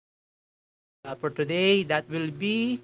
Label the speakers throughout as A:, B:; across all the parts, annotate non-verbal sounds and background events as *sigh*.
A: episode for today. That will be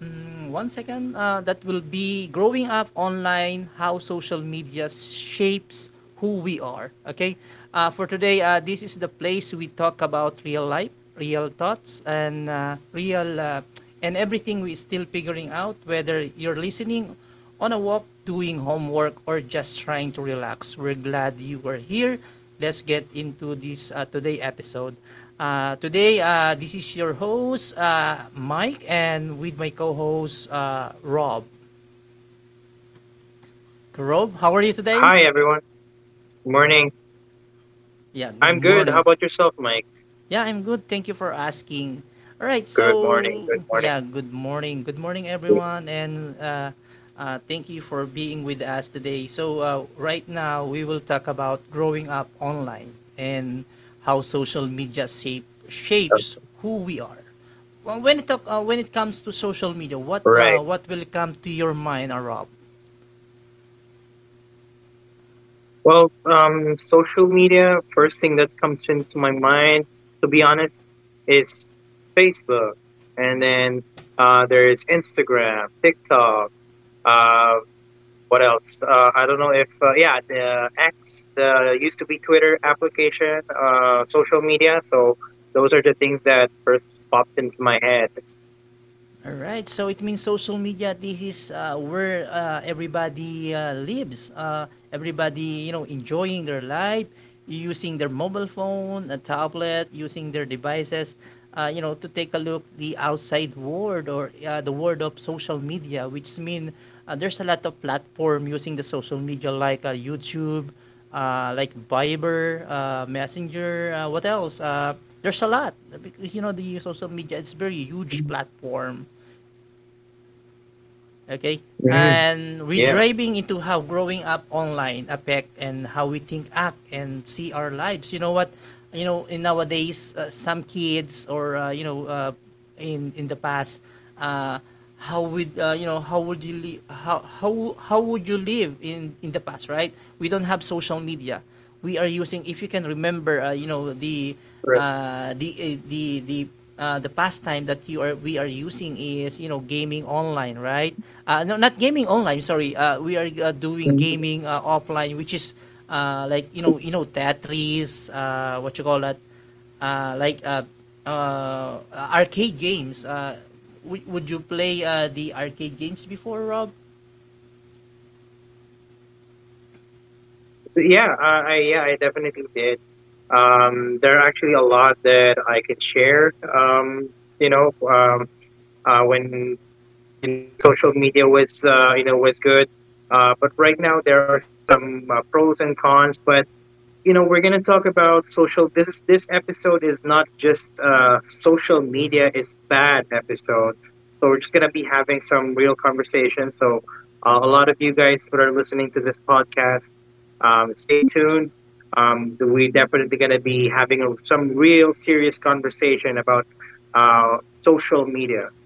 A: one second. That will be growing up online, how social media shapes who we are. Okay. For today, this is the place we talk about real life, real thoughts, and real and everything we still figuring out. Whether you're listening on a walk, doing homework, or just trying to relax. We're glad you were here. Let's get into this today episode. Today, this is your host, Mike, and with my co-host, Rob. Rob, how are you today?
B: Hi, everyone. Good morning.
A: Yeah, good
B: I'm good. How
A: morning.
B: about yourself, Mike?
A: Yeah, I'm good. Thank you for asking. All right,
B: Good morning.
A: so
B: Good morning.
A: yeah, good morning. Good morning, everyone, and thank you for being with us today. So right now we will talk about growing up online and how social media shape,
B: Um,
A: shapes who we are. Well, when it comes to social media, what uh,
B: Right.
A: what will come to your mind, Rob?
B: Social media, first thing that comes into my mind, to be honest, is Facebook. And then there's Instagram, TikTok. Uh, what else? I don't know if, yeah, the X, the used to be Twitter application, social media. So those are the things that first popped into my head.
A: All right, so it means social media. This is where everybody lives. Everybody, you know, enjoying their life, using their mobile phone, a tablet, using their devices, you know, to take a look the outside world or the world of social media, which mean there's a lot of platform using the social media like YouTube, like Viber, Messenger. What else? There's a lot because you know the social media. It's very huge
B: Mhm.
A: platform. Okay,
B: Mhm.
A: and
B: Yeah.
A: driving into how growing up online affect and how we think, act, and see our lives, you know what, you know, in nowadays, some kids, or you know, in the past, uh, how would, you know, how would you li- how would you live in the past, right? We don't have social media, we are using, if you can remember, you know,
B: Right.
A: uh, the uh, the the the pastime that you are we are using is, you know, gaming online, right? No, not gaming online, sorry. We are doing
B: Mhm.
A: gaming offline, which is like, you know, Tetris, what you call that, like, arcade games. Would you play the arcade games before, Rob?
B: So yeah, I yeah, I definitely did. There are actually a lot that I can share. You know, um, when when social media was was good. But right now there are some pros and cons. But you know we're going to talk about social. This episode is not just social media is bad episode, so we're just going to be having some real conversation. So a lot of you guys are listening to this podcast. Stay tuned. We definitely going to be having some real serious conversation about social media.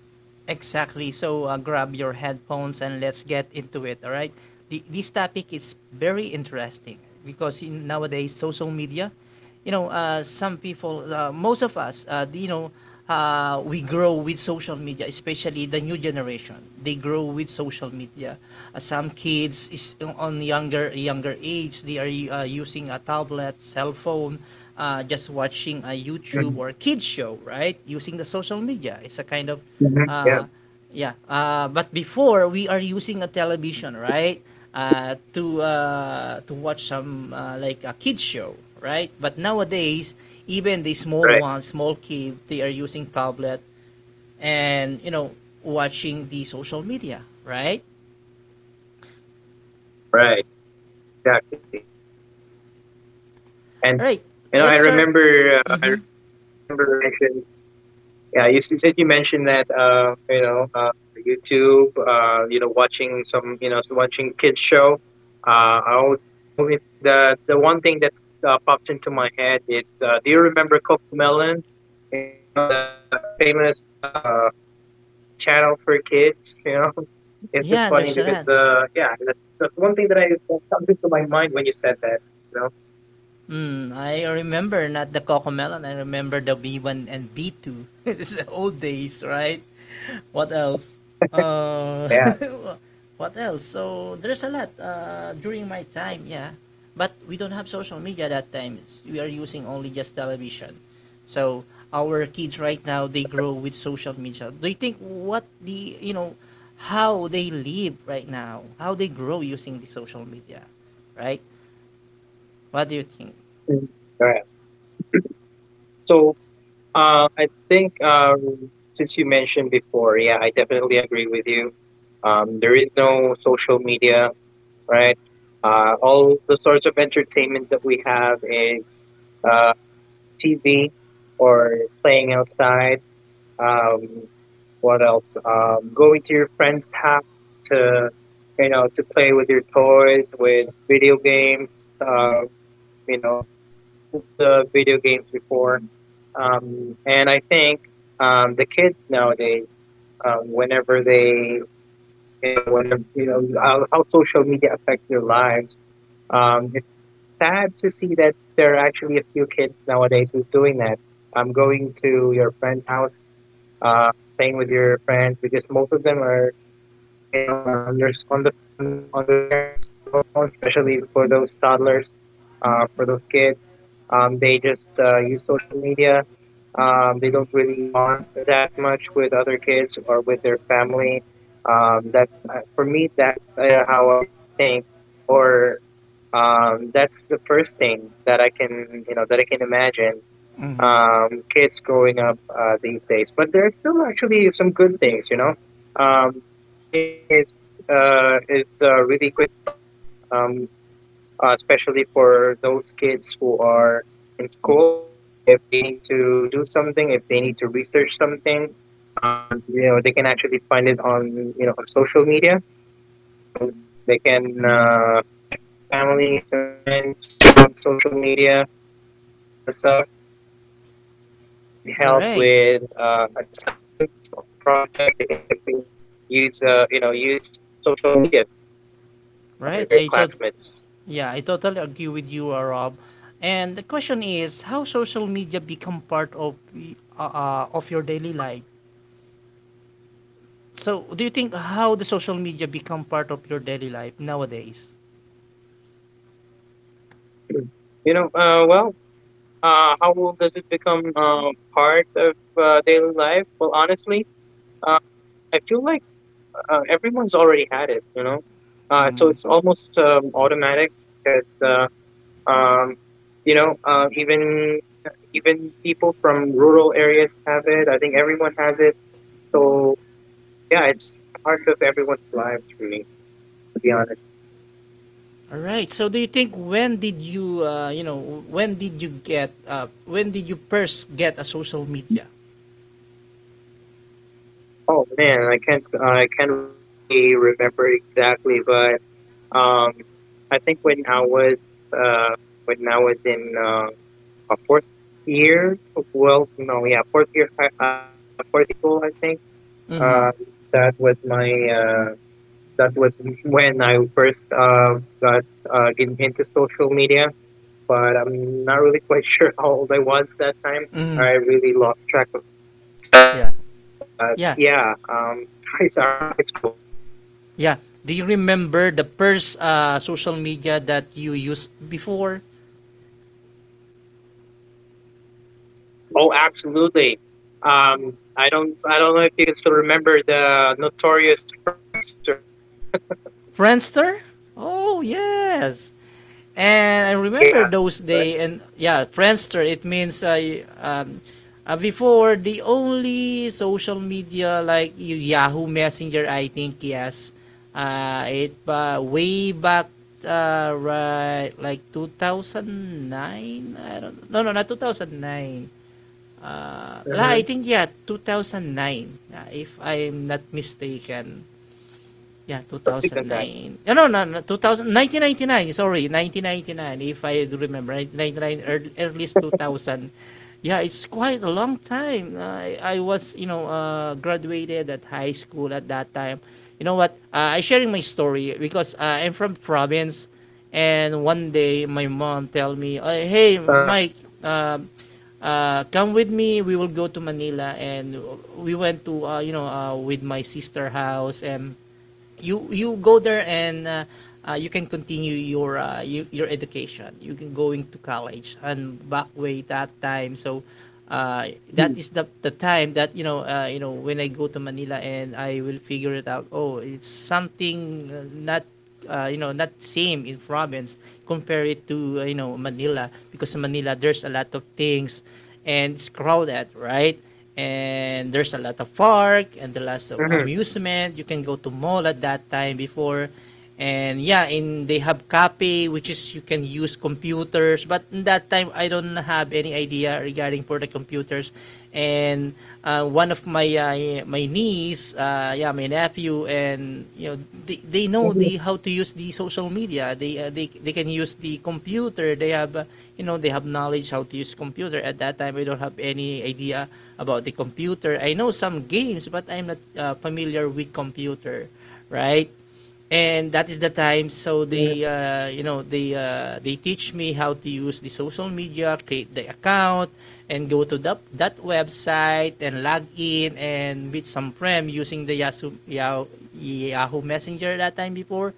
A: Exactly. So grab your headphones and let's get into it. All right. This topic is very interesting because in nowadays social media, you know, some people, most of us, you know, we grow with social media, especially the new generation. They grow with social media. Some kids is on younger age. They are using a tablet, cell phone, just watching a
B: Mhm,
A: YouTube or kids show, right? Using the social media. It's a kind of
B: mhm. Yeah.
A: uh, yeah. But before we are using a television, right? To watch some, like a kids show, right? But nowadays even the small
B: Right.
A: ones, small kid, they are using tablet and, you know, watching the social media, right.
B: Right. Exactly. And
A: All right,
B: you know i
A: let's
B: remember
A: start.
B: I
A: Mm-hmm.
B: remember since you mentioned since you mentioned that, YouTube, watching some, you know, so watching kids show. The one thing that pops into my head is, do you remember Coco Melon? You know, the famous YouTube channel for kids. You know, *laughs* it's just
A: Yeah,
B: funny
A: there's
B: because,
A: that.
B: yeah, that's one thing that comes into my mind when you said that. You know,
A: I remember, not the Cocomelon, I remember the B1 and B2 *laughs* it's the old days, right? What else? Uh,
B: yeah,
A: *laughs* what else? So there's a lot during my time, yeah. But we don't have social media that time. We are using only just television. So our kids right now, they grow with social media. Do you think what the, you know, how they live right now, how they grow using the social media, right? What do you think?
B: Mm. All right. So I think since you mentioned before, yeah, I definitely agree with you. There is no social media, right? All the sorts of entertainment that we have is uh, TV or playing outside. Um, what else? Going to your friend's house to, you know, to play with your toys, with video games. You know, the old video games before. And I think the kids nowadays, whenever they, you know, whenever you know how social media affects their lives, it's sad to see that there are actually a few kids nowadays who's doing that. I'm going to your friend's house uh, playing with your friends because most of them are, you know, are on their on their parents' cell phones, especially for those toddlers, for those kids. They just use social media. They don't really bond that much with other kids or with their family. That for me, that's how I think, or that's the first thing that I can, you know, that I can imagine
A: Mm-hmm.
B: kids growing up these days. But there are still actually some good things, you know. Um, information is really quick to find, um, especially for those kids who are in school. If they need to do something, if they need to research something, you know, they can actually find it on you know on social media. um, they can connect with families and friends, you know, social media. Those kind of stuff they can, if they, if they need help
A: All
B: with
A: right.
B: an assignment or a project, they can simply use use social media to call
A: Right. I
B: their
A: thought. Yeah, I totally agree with you, Rob. And the question is, how social media become part of of your daily life? So, do you think, how the social media become part of your daily life nowadays?
B: *clears throat* you know uh, well how does it become part of daily life? Well, honestly, uh, I feel like everyone's already had it, you know. So
A: Mm.
B: it's almost automatic because um, you know uh, even even people from rural areas have it. I think everyone has it. So yeah, it's part of everyone's lives, really, to be honest.
A: All right. So, do you think, you know, when did you first get a social media?
B: Oh man, I can't really remember exactly, but um, I think uh, when I was in fourth year, well, no, yeah, fourth year, fourth year high school, I think.
A: Mm-hmm.
B: Uh, that was my uh, that was when I first got into social media, but I'm not really quite *laughs* sure how old I was that time.
A: Mm-hmm.
B: I really lost track of time,
A: Yeah.
B: but yeah,
A: Yeah.
B: *laughs* it's around high school.
A: Yeah. Do you remember the first social media that you used before?
B: Oh, absolutely. I don't know if you can still remember the notorious Friendster.
A: Friendster? Oh yes. And I
B: Yeah,
A: remember those
B: Friendster.
A: day, and yeah, Friendster. It means I, before, the only social media like Yahoo Messenger. I think yes. It way back, right like 2009. I don't. No, no, not 2009.
B: Mm-hmm.
A: I think yeah 2009, if I'm not mistaken.
B: It could be earlier
A: Yeah,
B: than that.
A: 2009. No, no, no, no, 2019 90 nine. Sorry, 1999. If I do remember, 1999, early, earliest 2000. Yeah, it's quite a long time. I was, you know, graduated at high school at that time. You know what? I sharing my story because I'm from province, and one day my mom tell
B: Uh,
A: me, "Hey, Mike." Um, Come with me, we will go to Manila, and we went to, you know, with my sister house, and you go there and, you can continue your, your education. You can going to college and back way that time. So
B: hmm,
A: that is the time that, you know, you know, when I go to Manila and I will figure it out. Oh, it's something not, you know, not same in province, compare it to, you know, Manila, because in Manila there's a lot of things and it's crowded, right. And there's a lot of park and the lots of
B: mm-hmm.
A: amusement, you can go to mall at that time before. And yeah, in they have cafe which is you can use computers, but in that time I don't have any idea regarding for the computers. And one of my niece, yeah, my nephew, and, you know, they know the how to use the social media. They can use the computer. They have, you know, they have knowledge how to use computer. At that time, I don't have any idea about the computer. I know some games, but I'm not familiar with computer, right? And that is the time, so
B: Hmm.
A: they you know they teach me how to use the social media, create the account, and go to that website and log in and meet some friend using the Yahoo Messenger that time before.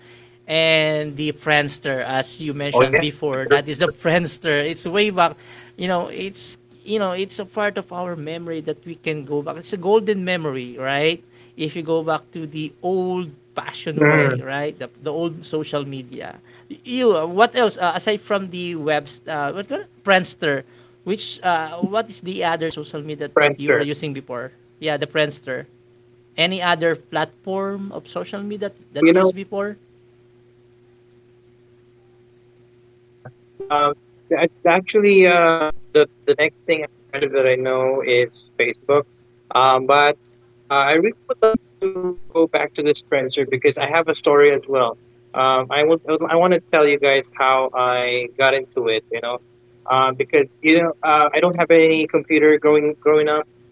A: And the Friendster, as you
B: Oh
A: mentioned
B: yeah, I
A: before, that is
B: remember.
A: the *laughs* Friendster, it's way back, you know. It's a part of our memory that we can go back, it's a golden memory, right? If you go back to the old fashioned way,
B: Mm,
A: right? The old social media. What else, aside from the webs, what Friendster? Which what is the other social media that you are
B: Friendster.
A: using before? Yeah, the Friendster. Any other platform of social media that,
B: You
A: that you
B: know,
A: used before?
B: yeah. Um, that's actually the next thing after Friendster that I know is Facebook. But I really would like to go back to this Friendster because I have a story as well. I will. I want to tell you guys how I got into it. You know, I don't have any computer growing up.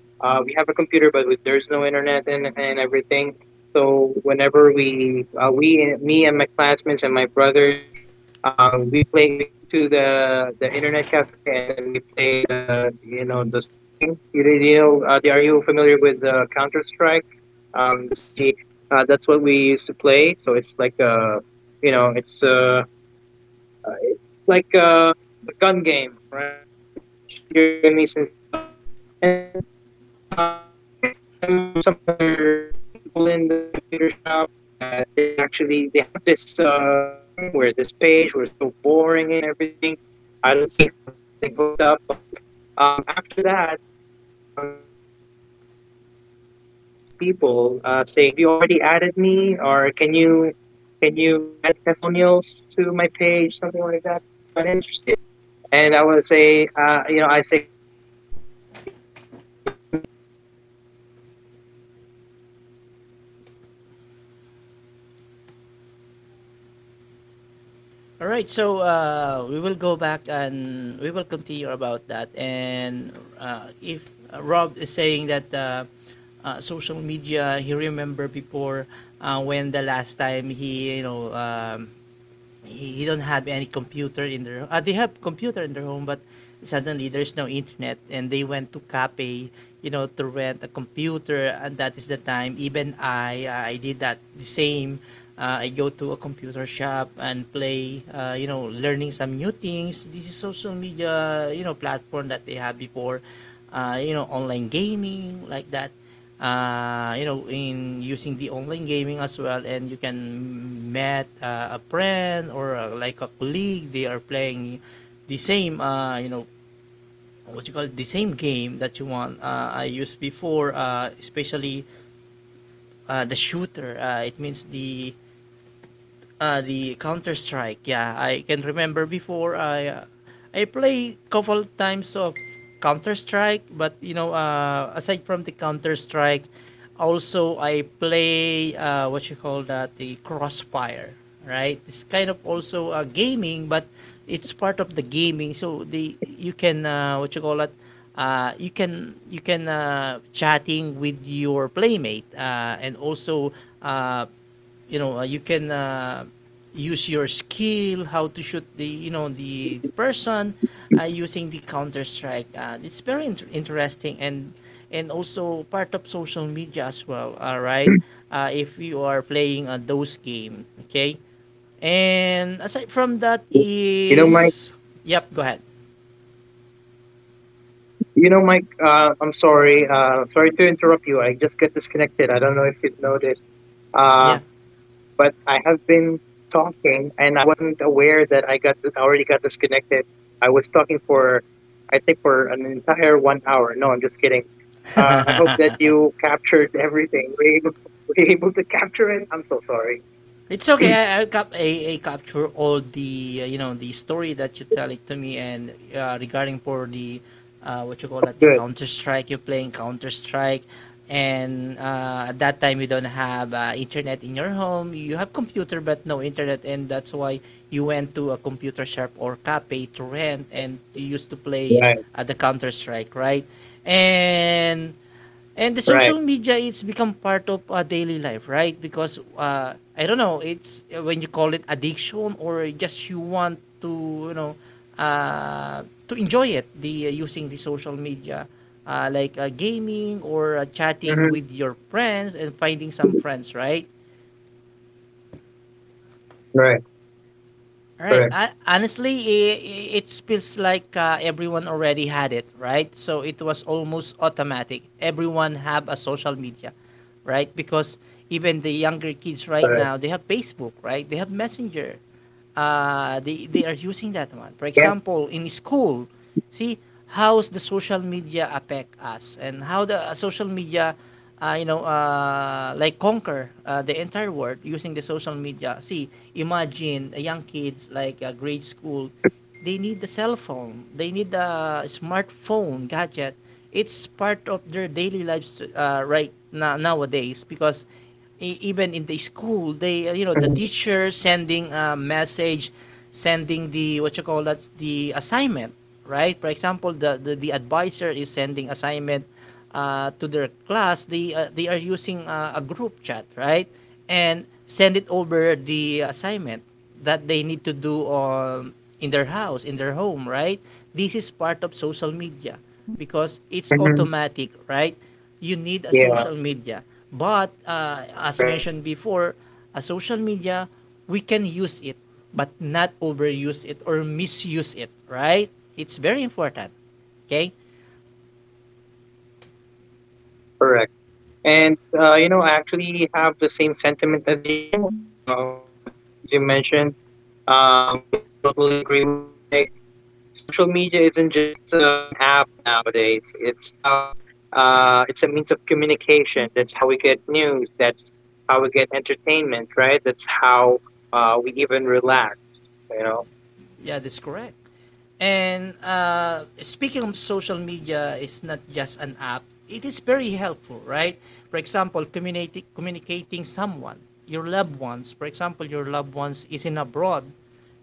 B: We have a computer, but there's no internet and everything. So whenever we me and my classmates and my brothers, we go to the internet cafe, and then we play the you know the some games, you know, are you with counter strike. Um, that's *laughs* what we that's what we used to play. So it's like you know it's uh a gun game, right? So you shoot your enemies and stuff. And then I can see some other people in the computer shop that they're actually they have this thing where this page was so boring and everything. I don't see how they're getting hooked up, but after that, um, in our school, there I hear these people saying, "Have you already added me?" or can you add testimonials to my page?" Something like that. So I got interested, and I would say, you know, I say that. You know what? Let me try this Friendster thing.
A: All right, so we will go back and we will continue about that. And if Rob is saying that, social media, he remember before, when the last time he, you know, he don't have any computer in their, they have computer in their home, but suddenly there's no internet and they went to cafe, you know, to rent a computer. And that is the time, even I did that the same. I go to a computer shop and play, you know, learning some new things, this is social media, you know, platform that they had before. You know, online gaming like that. You know, in using the online gaming as well, and you can met a friend or, like a colleague. They are playing the same, you know, what you call it, the same game that you want. I used before, especially the shooter. It means the Counter Strike. Yeah, I can remember before I play couple times of Counter Strike, but, you know, aside from the Counter Strike, also I play, what you call that, the Crossfire, right? It's kind of also gaming, but it's part of the gaming. So the you can, what you call that. You can chatting with your playmate, and also, uh, you know, you can, use your skill how to shoot the, you know, the person, using the Counter Strike, it's very interesting, and also part of social media as well. All right, if you are playing those game, okay, and aside from that
B: You know, Mike.
A: is, yep, go ahead.
B: You know, Mike. I'm sorry. Sorry to interrupt you. I just got disconnected. I don't know if you noticed, uh,
A: Yeah.
B: but I have been talking, and I wasn't aware that I already got disconnected. I was talking for, I think, for an entire 1 hour. No, I'm just kidding. Uh, I hope that you
A: *laughs*
B: captured everything. Were you able, *laughs* were you able to capture it? I'm so sorry.
A: It's okay. I capture all the you know the story that you tell it to me, and regarding for the what you call it, the
B: Good.
A: Counter Strike you're playing Counter Strike, and at that time you don't have internet in your home. You have computer but no internet, and that's why you went to a computer shop or cafe to rent, and you used to play
B: Right.
A: the Counter Strike, right? And And the
B: Right.
A: social media it's become part of daily life, right? Because I don't know, it's when you call it addiction or just you want to, you know, to enjoy it, the using the social media, like gaming or chatting
B: Mm-hmm.
A: with your friends and finding some friends, right?
B: Right.
A: All Right.
B: Correct.
A: Honestly, it feels like everyone already had it, right? So it was almost automatic. Everyone have a social media, right? Because even the younger kids right
B: Correct.
A: now, they have Facebook, right? They have Messenger. They are using that one. For
B: Yeah.
A: example, in school, see how's the social media affect us and how the social media you know like conquer the entire world using the social media see imagine young kids like grade school. They need the cell phone. They need the smartphone gadget. It's part of their daily lives right now nowadays because even in the school,
B: Mm-hmm.
A: they you know the teacher sending a message, sending the what you call that the assignment, right? For example, the advisor is sending assignment to their class. They are using a group chat, right? And send it over the assignment that they need to do on in their house, in their home, right? This is part of social media because it's
B: Mm-hmm.
A: automatic, right? You need a
B: Yeah.
A: social media. But as
B: Correct.
A: mentioned before, a social media, we can use it, but not overuse it or misuse it, right? It's very important. Okay?
B: Correct. And you know, I actually have the same sentiment as you. You know, just like what you mentioned, I totally agree with you, Mike. Social media isn't just an app nowadays. It's how it's a means of communication. That's how we get news. That's how we get entertainment, right? That's how we even relax. You know.
A: Yeah, that's correct. And speaking of social media, is not just an app. It is very helpful, right? For example, communicating someone, your loved ones. For example, your loved ones is in abroad.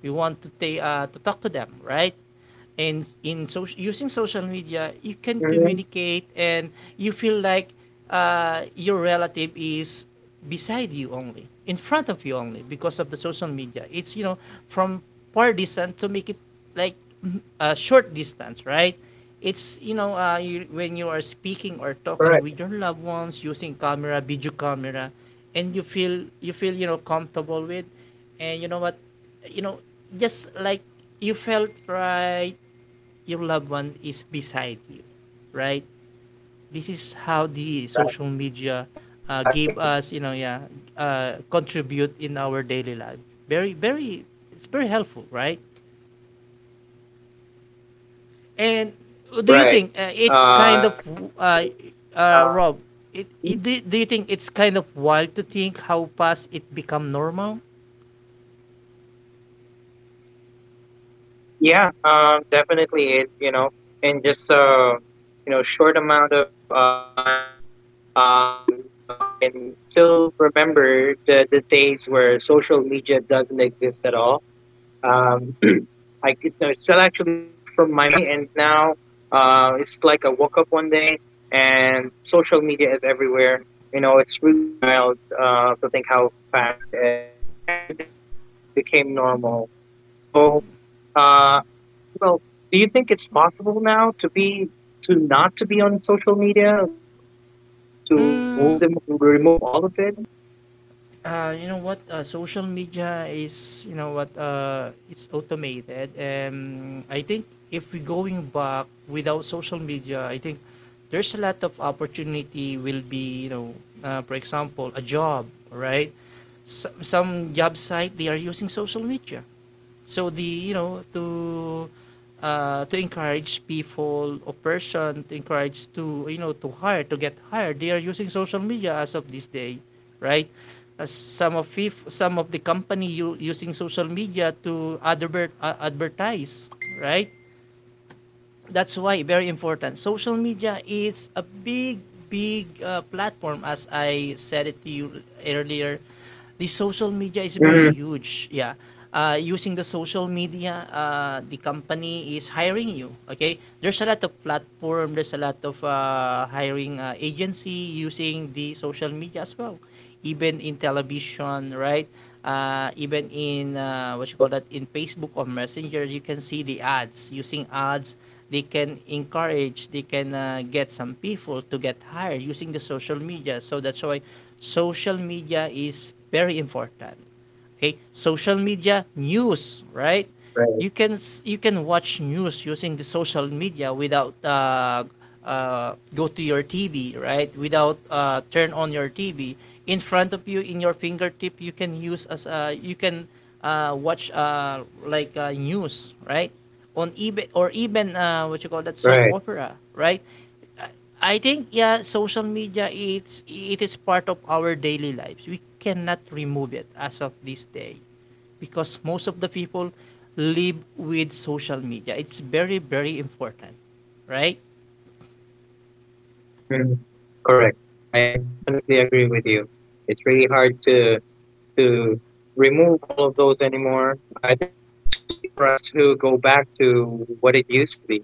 A: You want to to talk to them, right? And in so using social media you can
B: Mm-hmm.
A: communicate and you feel like your relative is beside you, only in front of you, only because of the social media. It's you know, from far distance to make it like a short distance, right? It's you know when you are speaking or talking
B: Right.
A: with your loved ones using camera, video camera, and you feel you know comfortable with. And you know what? You know, just like you felt, right, your loved one is beside you, right? This is how the social
B: Right.
A: media gave us, you know,
B: Exactly.
A: yeah, contribute in our daily life. Very, very, it's very helpful, right? And do you think
B: Right.
A: it's kind of,
B: Yes,
A: uh,
B: definitely. Um,
A: Rob, do do you think it's kind of wild to think how fast it become normal?
B: Yeah, definitely. It you know, in just a you know short amount of time, um, you know, I can still remember the days where social media doesn't exist at all. Um, *clears throat* I could, no, it's still actually fresh from my, and now it's like I woke up one day and social media is everywhere. You know, it's really wild to think how fast everything became normal. So. Uh, well, do you think it's possible now to be to not to be on social media, like to
A: Mm,
B: remove all of it? Do you think it's still possible?
A: you know what social media is, you know what, it's automated, and I think if we going back without social media I think there's a lot of opportunity will be you know for example a job, right. Some job site they are using social media. So the you know to encourage people or person to encourage to you know to hire to get hired, they are using social media as of this day, right? As some of, if some of the company you using social media to advertise, right? That's why very important. Social media is a big, big platform. As I said it to you earlier, the social media is very huge. Yeah, using
B: Hmm.
A: the social media, the company is hiring you. Okay, there's a lot of platform. There's a lot of hiring agency. You using the social media as well, even in television, right? Even in what you call that in Facebook or Messenger, you can see the ads. Using ads, they can encourage, they can get some people to get hired using the social media. So that's why social media is very important. Okay, social media news, right? You can
B: Right,
A: you can watch news using the social media without go to your TV, right, without turn on your TV. In front of you, in your fingertip, you can use as you can watch like news, right, on eBay or even what you call that, soap opera,
B: right.
A: right? I think yeah, social media it's it is part of our daily lives. We cannot remove it as of this day because most of the people live with social media. It's very very important, right?
B: Hmm. Correct. I definitely agree with you. It's really hard to remove all of those anymore. I think it's too late for us to go back to what it used to be.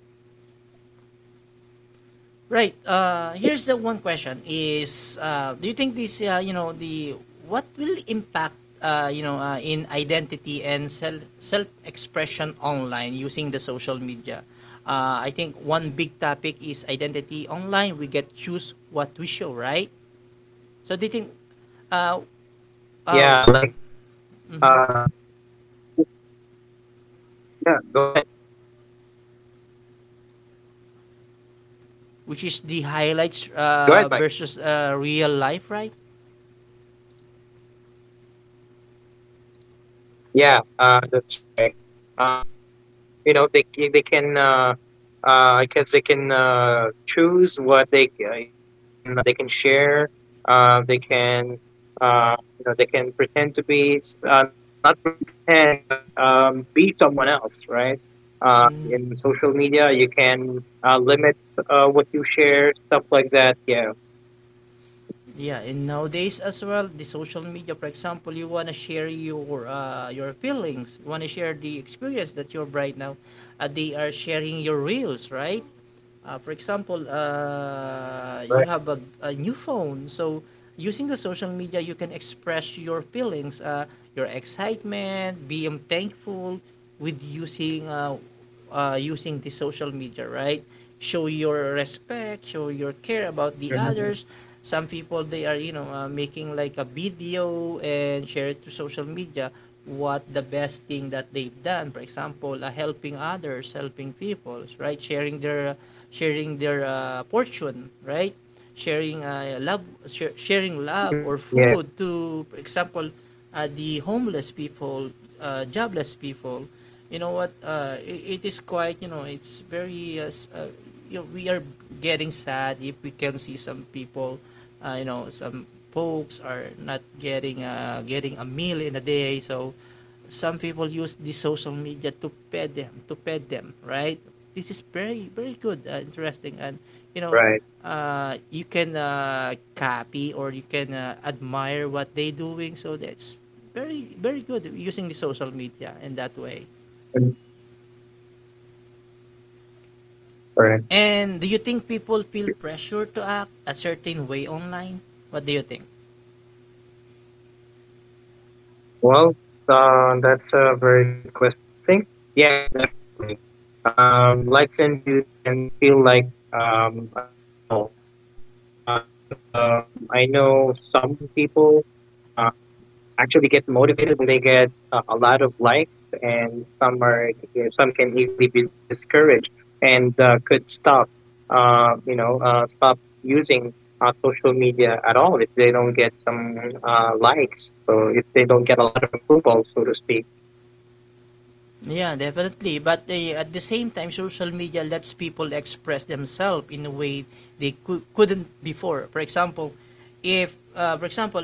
A: Right. Here's the one question: Is do you think this, you know, the what will impact, you know, in identity and self self expression online using the social media? I think one big topic is identity online. We get choose what we show, right? So do you think, uh,
B: Yeah,
A: uh,
B: like
A: mhm,
B: uh yeah, go ahead.
A: which is the highlights
B: Go ahead, Mike.
A: versus real life, right?
B: Yeah, that's right. Uh, they can I guess they can choose what they you know what they can share. They can they can pretend to be not really pretend, but be someone else, right?
A: Mm.
B: In social media, you can limit what you share, stuff like that. Yeah,
A: Yeah, and nowadays as well, the social media, for example, you wanna share your feelings, you wanna share the experience that you're right now. They are sharing your reels, right? For example, you
B: right.
A: have a new phone, so using the social media, you can express your feelings, your excitement, being thankful with using using the social media, right? Show your respect, show your care about the
B: Mhm.
A: others. Some people they are you know making like a video and share it to social media what the best thing that they've done. For example, helping others, helping people, right? Sharing their fortune, right? Sharing love, sharing love or
B: Yeah,
A: food to, for example, the homeless people, jobless people. You know what? It is quite. You know, it's very. You know, we are getting sad if we can see some people. You know, some folks are not getting getting a meal in a day. So, some people use the social media to pet them, right? This is very very good interesting, and you know
B: right.
A: you can copy or you can admire what they doing, so that's very very good using the social media in that way.
B: Right.
A: And do you think people feel pressure to act a certain way online? What do you think?
B: Well, that's a very good question. I think yes, definitely. Likes and views can feel like an approval, right? Because I know some people um, actually get motivated when they get a lot of likes, and some are some can easily be discouraged and could stop, stop using social media at all if they don't get some likes or if they don't get a lot of approval, so to speak.
A: Yeah, definitely, but they at the same time social media lets people express themselves in a way couldn't before, for example, if for example,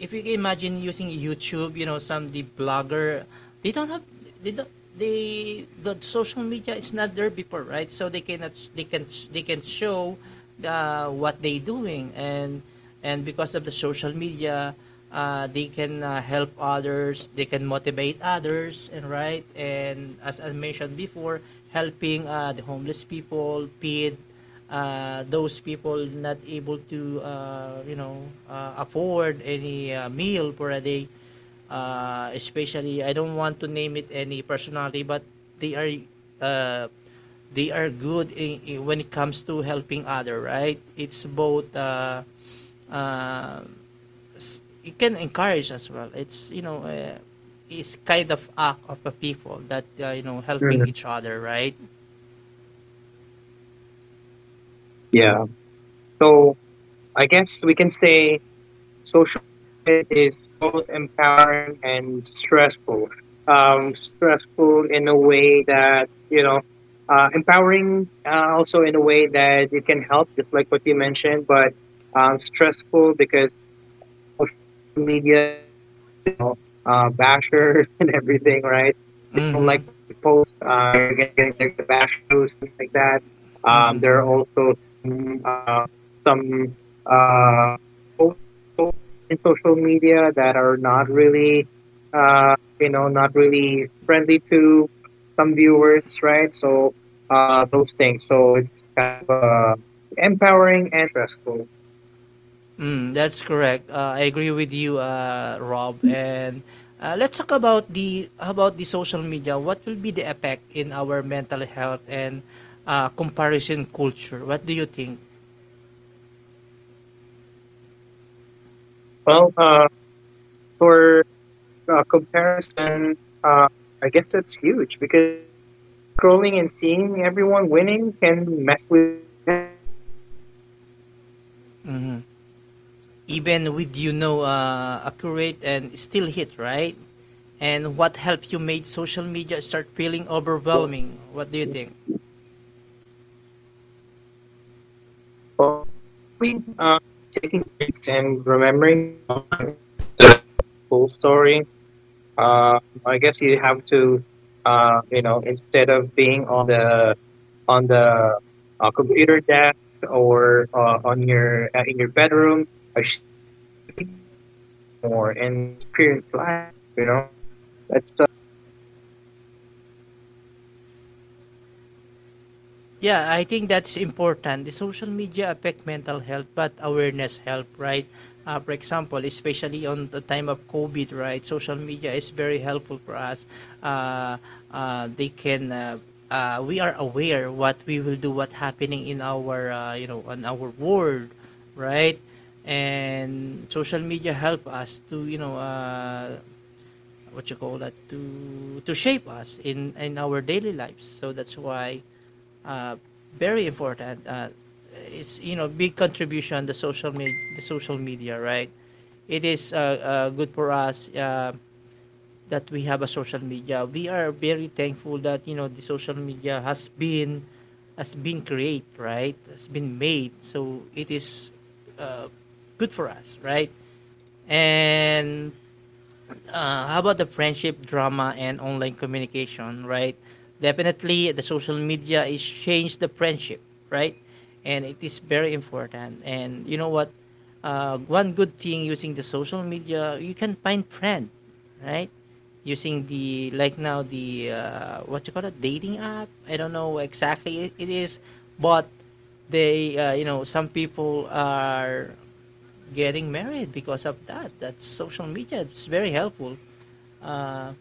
A: if you can imagine using YouTube, you know, some the blogger, they don't have they don't, they the social media is not there before, right, so they cannot, they can show the what they doing, and because of the social media they can help others, they can motivate others, and right, and as I mentioned before, helping the homeless people, feed those people not able to you know afford any meal for a day, especially, I don't want to name it any personality, but they are uh, they are good in, when it comes to helping other, right? It's both uh, it can encourage as well, it's you know it's kind of act of a people that you know helping
B: Mhm.
A: each other, right?
B: Yeah. So, I guess we can say social media is both empowering and stressful. Stressful in a way that empowering also in a way that it can help, just like what you mentioned. But stressful because social media there are bashers *laughs* and everything, right? If they don't
A: Mm-hmm.
B: like what you post, you're gonna, gonna they're gonna bash you, something like that.
A: Mm-hmm.
B: There are some some uh, folks in social media that are not really, uh, not really friendly to some viewers, right? So those things. So it's kind of empowering and stressful.
A: Mm, that's correct. I agree with you, Rob. And let's talk about the social media. What will be the effect in our mental health and comparison culture? What do you think?
B: Well, for comparison, uh, I guess that's huge because scrolling and seeing everyone winning can mess with your head.
A: Mhm. Even with you know accurate and still hit, right. And what helped you made social media start feeling
B: Yeah.
A: overwhelming? What do you think?
B: Well, honestly, taking breaks and remembering that online isn't just a full story Uh, I guess you have to.
A: Yeah, I think that's important. The social media affect mental health, but awareness help, right? For example, especially on the time of COVID, right? Social media is very helpful for us. Uh, they can, we are aware what we will do, what happening in our, you know, on our world, right? And social media help us to, what you call that to shape us in our daily lives, so that's why uh, very important. It's, big contribution, the social media, the social media. Right, it is good for us. That we have a social media, we are very thankful that, you know, the social media has been created, right, has been made, so it is uh, good for us, right. And how about the friendship drama and online communication, right? Definitely the social media is changed the friendship, right. And it is very important. And you know what, one good thing using the social media, you can find friend, right? Using the, like now, the what you call it, dating app, I don't know exactly it is. But they, you know, some people are getting married because of that. That's social media, it's very helpful. uh,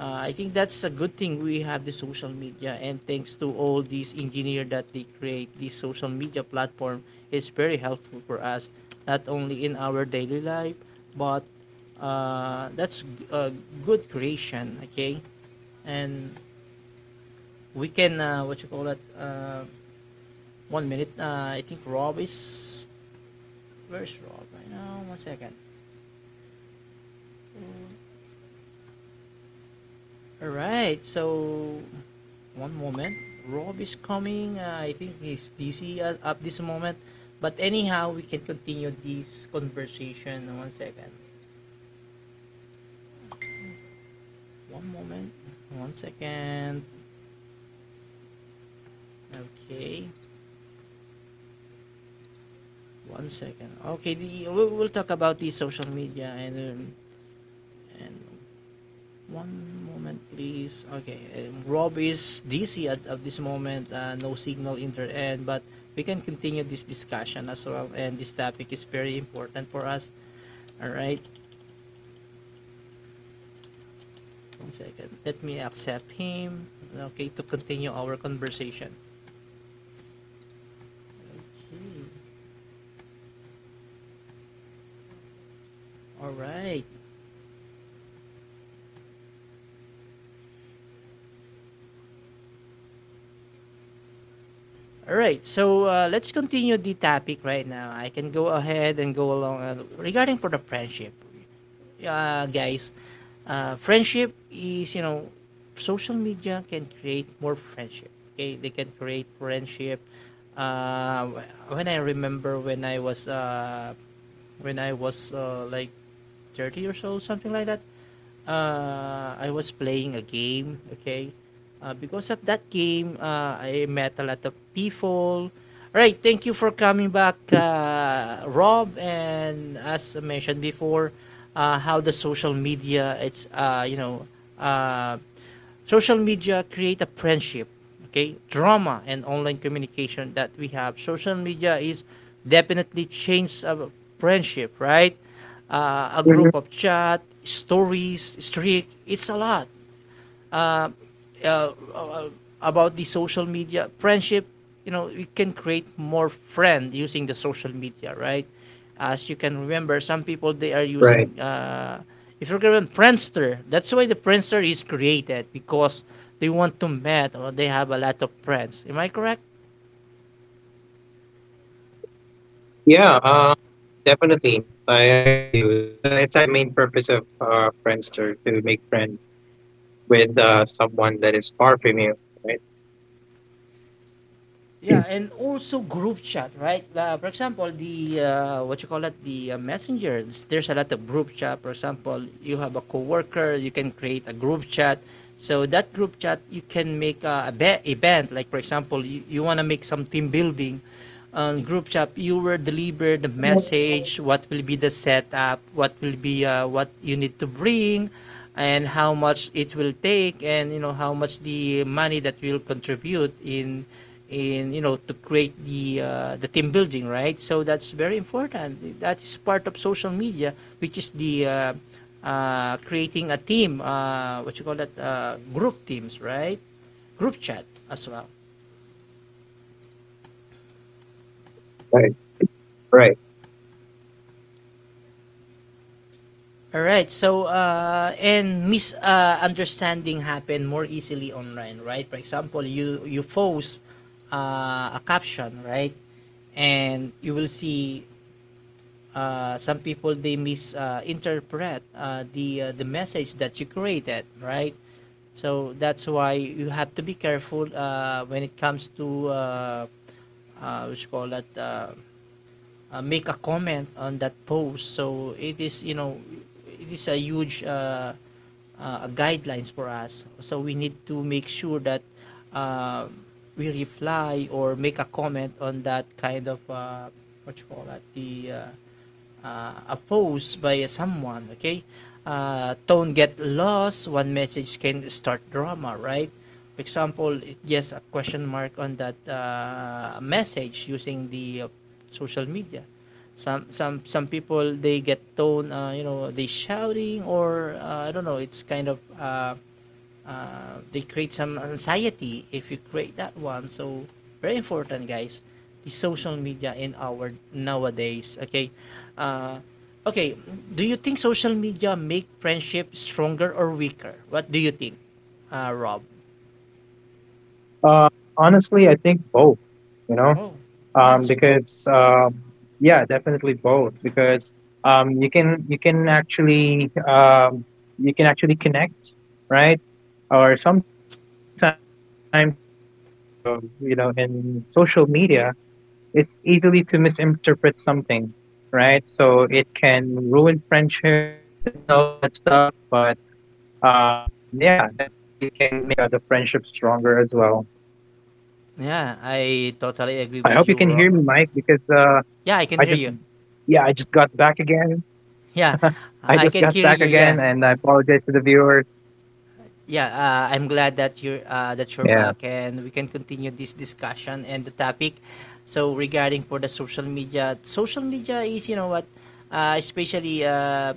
A: I think that's a good thing, we have the social media, and thanks to all these engineers that they create this social media platform. It's very helpful for us, not only in our daily life, but that's a good creation. Okay, and we can, what you call it, one minute. I think Rob is, where's Rob right now? One second. All right, so one moment. Rob is coming. I think he's DC at this moment. But anyhow, we can continue this conversation. One second. One moment. One second. Okay. One second. Okay. We'll talk about the social media, and one moment, please. Okay. Rob is DC at this moment. No signal in their end, but we can continue this discussion as well. And this topic is very important for us. All right. One second, let me accept him. Okay, to continue our conversation. Okay. All right. All right, so let's continue the topic right now. I can go ahead and go along, regarding for the friendship. Guys, friendship is, you know, social media can create more friendship. Okay, they can create friendship. When I remember when I was when I was like 30 years old, something like that. I was playing a game. Okay, because of that game, I met a lot of people. Right, thank you for coming back, Rob. And as I mentioned before, how the social media, it's, uh, social media create a friendship, okay? Drama and online communication that we have. Social media is definitely changed a friendship, right? A group of chat, stories,
B: Mhm.
A: streak, it's a lot. uh, uh, uh, about the social media friendship, you know, you can create more friend using the social media, right? As you can remember, some people they are using,
B: Right.
A: if you remember Friendster, that's why the Friendster is created because they want to meet, or they have a lot of friends. Am I correct?
B: Yeah, definitely. I with you. It's actually the main purpose of Friendster to make friends with someone that is far from you. Right.
A: Yeah,
B: *clears throat*
A: and also group chat, right? For example, the what you call it, the messengers. There's a lot of group chat. For example, you have a coworker, you can create a group chat. So that group chat, you can make event. Like for example, you want to make some team building on group chat. You were delivered the message. What will be the setup? What will be, what you need to bring, and how much it will take? And, you know, how much the money that will contribute in you know, to create the team building, right? So that's very important, that is part of social media, which is the creating a team, what you call that, group teams, right? Group chat as well.
B: Right. Right.
A: All right, so and misunderstanding happen more easily online, right? For example, you post a caption, right? And you will see some people they misinterpret the message that you created, right? So that's why you have to be careful when it comes to, what you call that, make a comment on that post. So it is, you know, it is a huge guidelines for us. So we need to make sure that uh, we reply or make a comment on that kind of, what you call that, the a by someone, okay? Tone get lost, one message can start drama, right? For example, it just a question mark on that message using the social media. Some people they get tone, they shouting or, I don't know. It's kind of they create some anxiety if you create that one. So very important, guys, the social media in our nowadays. Okay, uh, okay. Do you think social media make friendship stronger or weaker? What do you think, Rob?
B: Uh, Honestly, I think both, you know,
A: Oh. Yeah, it's.
B: because yeah, definitely both because you can actually you can actually connect, right? Or sometimes because you know in social media, it's easily to misinterpret something, right? So it can ruin friendships *laughs* and all that stuff. But yeah, definitely it can make the friendship stronger as well.
A: Yeah, I totally agree
B: I
A: with
B: hope you
A: you,
B: can hear me,
A: Rob.
B: Mike, because
A: Yeah, I can
B: I
A: hear
B: just,
A: you.
B: yeah, I just got back again.
A: Yeah,
B: I
A: I
B: just
A: can
B: got
A: hear
B: back
A: you. Yeah.
B: again, and I apologize to the viewers.
A: Yeah, I'm glad that you're
B: Yeah.
A: back, and we can continue this discussion and the topic. So regarding for the social media is, you know what, especially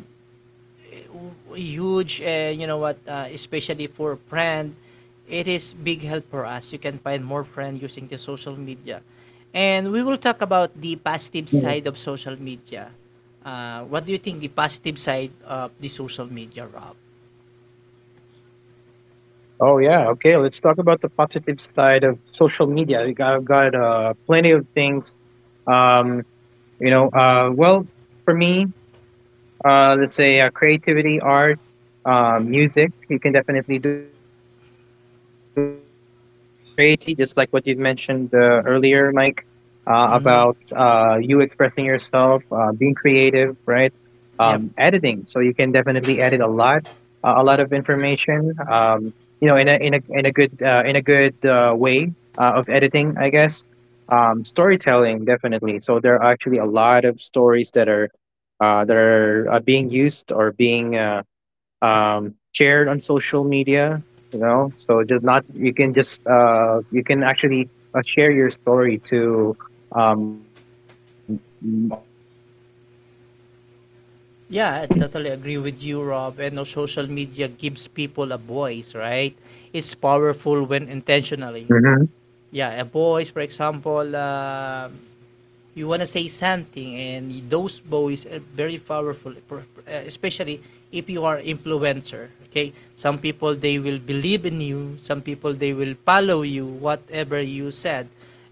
A: huge, you know what, especially for friend, it is big help for us. You can find more friend using the social media, and we will talk about the positive side of
B: Mm.
A: social media. What do you think the positive side of the social media, Rob?
B: Oh yeah. Okay. Let's talk about the positive side of social media. We got plenty of things. Um, you know, uh, well, for me, let's say creativity, art, music. You can definitely do a lot of music. Your creativity, just like what you have mentioned earlier, Mike, about
A: Mm-hmm.
B: you expressing yourself, being creative, right?
A: Yep.
B: Editing, so you can definitely edit a lot of information. In a good of editing, I guess. Storytelling, definitely. So there are actually a lot of stories that are being used or being shared on social media, so just not you can just you can actually share your story to um, a lot of people now, right?
A: Yeah, I totally agree with you, Rob. And no, social media gives people a voice, right? It's powerful when
B: Hmm.
A: intentionally. Yeah, a voice, for example, you want to say something, and those boys are very powerful, especially if you are influencer. Okay, some people they will believe in you, some people they will follow you, whatever you said.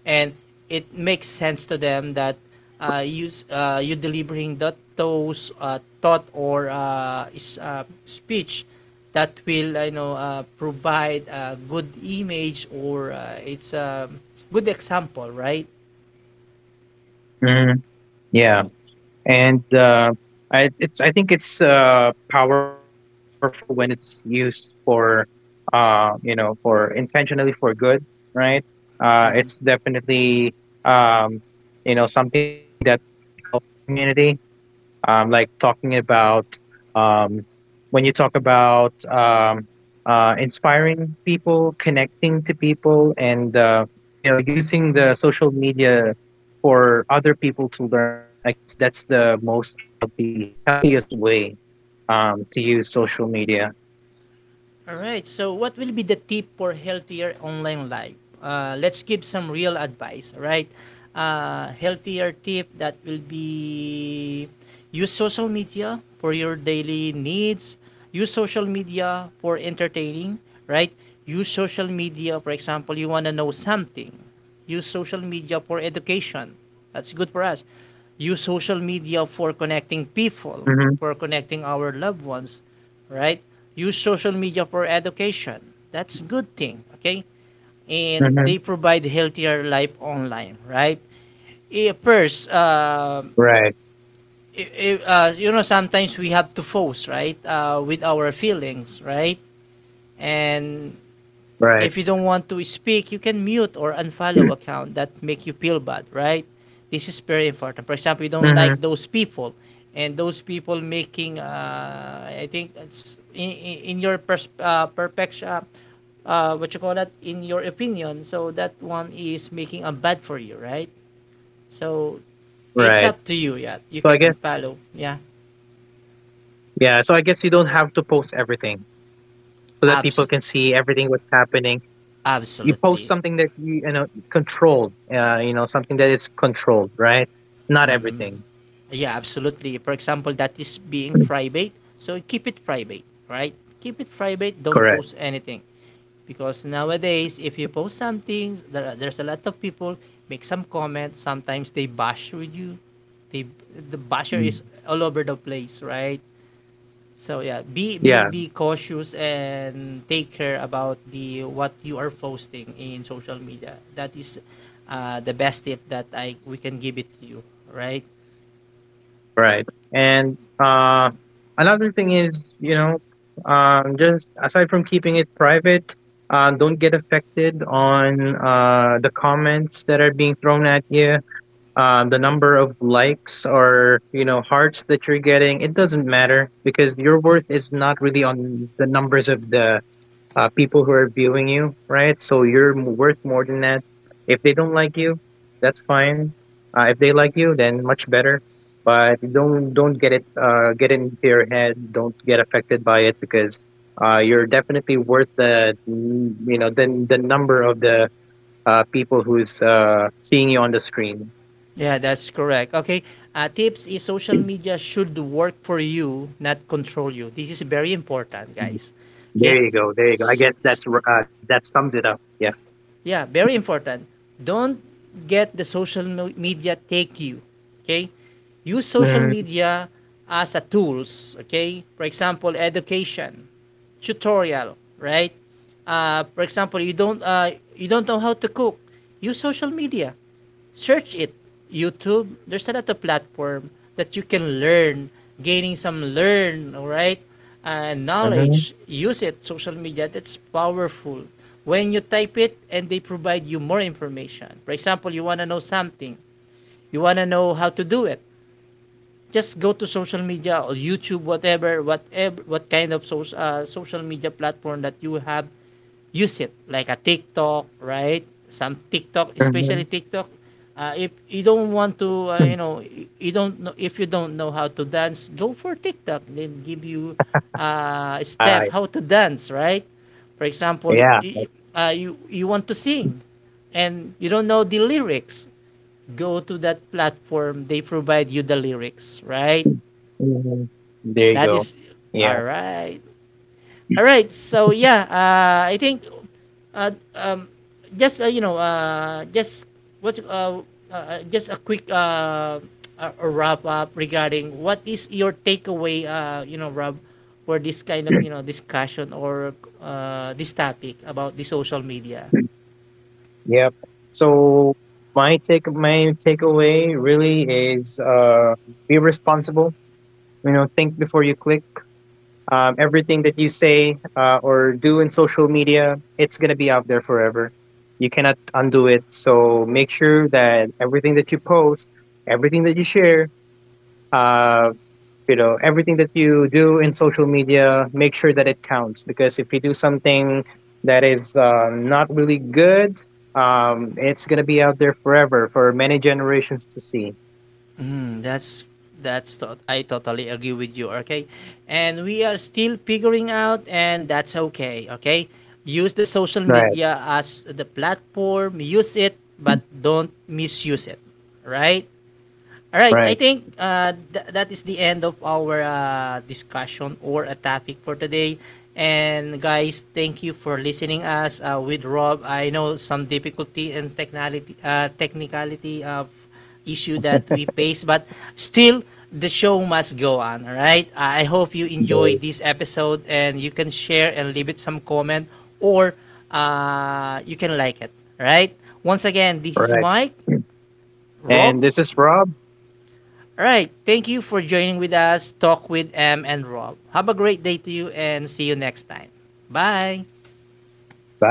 A: And it makes sense to them that uh, you you delivering that, those thought or speech, that will, you know, provide a good image, or it's a good example, right?
B: Hmm. Yeah. And it's I think it's powerful when it's used for for intentionally for good, right?
A: Mhm.
B: It's definitely um, something that would help the community. Like talking about um, when you talk about inspiring people, connecting to people, and using the social media for other people to learn. I guess that's the most healthy healthiest way to use social media.
A: All right. So what will be the tip for healthier online life? Let's give some real advice, right? Healthier tip that will be, use social media for your daily needs. Use social media for entertaining, right? Use social media, for example, you want to know something. Use social media for education. That's good for us. Use social media for connecting
B: Hmm.
A: people, for connecting our loved ones, right? Use social media for education. That's a good thing, okay?
B: Hmm.
A: And they provide healthier life online, right? First,
B: Right.
A: eh, you know, sometimes we have to force, right, with our feelings, right? And
B: Right.
A: if you don't want to speak, you can mute or unfollow
B: *clears throat*
A: account that make you feel bad, right? This is very important. For example, you don't like
B: Hmm.
A: those people, and those people making, I think it's in your perfection, what you call that, in your opinion, so that one is making a bad for you, right? So it's
B: Right.
A: up to you. Yeah, you can
B: So I guess
A: unfollow, yeah.
B: yeah. So I guess you don't have to post everything so that people
A: Abs-
B: can see everything what's happening. You post
A: absolutely.
B: something that controlled, something that it's controlled, right? Not
A: Mhm.
B: everything.
A: Yeah, absolutely. For example, that is being private. So keep it private, right? Keep it private. Don't
B: Correct.
A: post anything because nowadays, if you post something, there's a lot of people make some comments. Sometimes they bash with you. They, the basher
B: Mm.
A: is all over the place, right? So yeah,
B: Yeah,
A: be cautious and take care about the what you are posting in social media. That is the best tip that I we can give it to you, right?
B: right. And another thing is, just aside from keeping it private, don't get affected on the comments that are being thrown at you. The number of likes or hearts that you're getting, it doesn't matter because your worth is not really on the numbers of the people who are viewing you, right? So you're worth more than that. If they don't like you, that's fine. If they like you, then much better. But don't get it into your head. Don't get affected by it because you're definitely worth the the number of the people who's seeing you on the screen.
A: Yeah, that's correct. Okay. Tips is social media should work for you, not control you. This is very important, guys.
B: There
A: Okay.
B: you go. There you go. I
A: S-
B: guess
A: s-
B: that's that sums it up. Yeah.
A: Yeah, very important. Don't get the media take you. Okay. Use social
B: Mm-hmm.
A: media as a tools. Okay, for example, education, tutorial, right? For example, you don't know how to cook. Use social media, search it. YouTube, there's a lot of platform that you can learn, gaining some learn, alright, right? And knowledge, use it, social media, that's powerful. When you type it and they provide you more information. For example, you want to know something, you want to know how to do it. Just go to social media or YouTube, whatever, whatever, what kind of social social media platform that you have, use it, like a TikTok, right? Some TikTok,
B: Mm-hmm.
A: especially TikTok. If you don't want to, you
B: *laughs*
A: know, you don't know if you don't know how to dance, go for TikTok. They give you a
B: Uh,
A: step how to dance, right? For example,
B: yeah.
A: you want to sing, and you don't know the lyrics, go to that platform, they provide you the lyrics, right?
B: Mhm. There you
A: That
B: go.
A: is
B: Yeah.
A: all right. All right, so yeah, I think uh, um, just, just what, just a quick wrap up regarding what is your takeaway, Rob, for this kind of, you know, discussion or this topic about the social media.
B: Yep. So my takeaway really is be responsible. You know, think before you click. Everything that you say or do in social media, it's gonna be out there forever. You cannot undo it. So make sure that everything that you post, everything that you share, uh, everything that you do in social media, make sure that it counts, because if you do something that is not really good, it's going to be out there forever for many generations to see.
A: Mm, that's I totally agree with you, okay? And we are still figuring out, and that's okay, okay? Use the social
B: Right.
A: media as the platform, use it, but don't misuse it, right? All right, I
B: Right.
A: think that is the end of our discussion or a topic for today. And guys, thank you for listening us with Rob. I know some difficulty and technicality, technicality of issue that we face, but still the show must go on. All right. I hope you enjoy
B: Dave.
A: this episode, and you can share and leave it some comment, or you can like it. All right. Once again, this is
B: Right.
A: Mike,
B: Correct.
A: Rob.
B: And this is Rob.
A: Alright, thank you for joining with us, Talk with M and Rob. Have a great day to you, and see you next time. Bye!
B: Bye.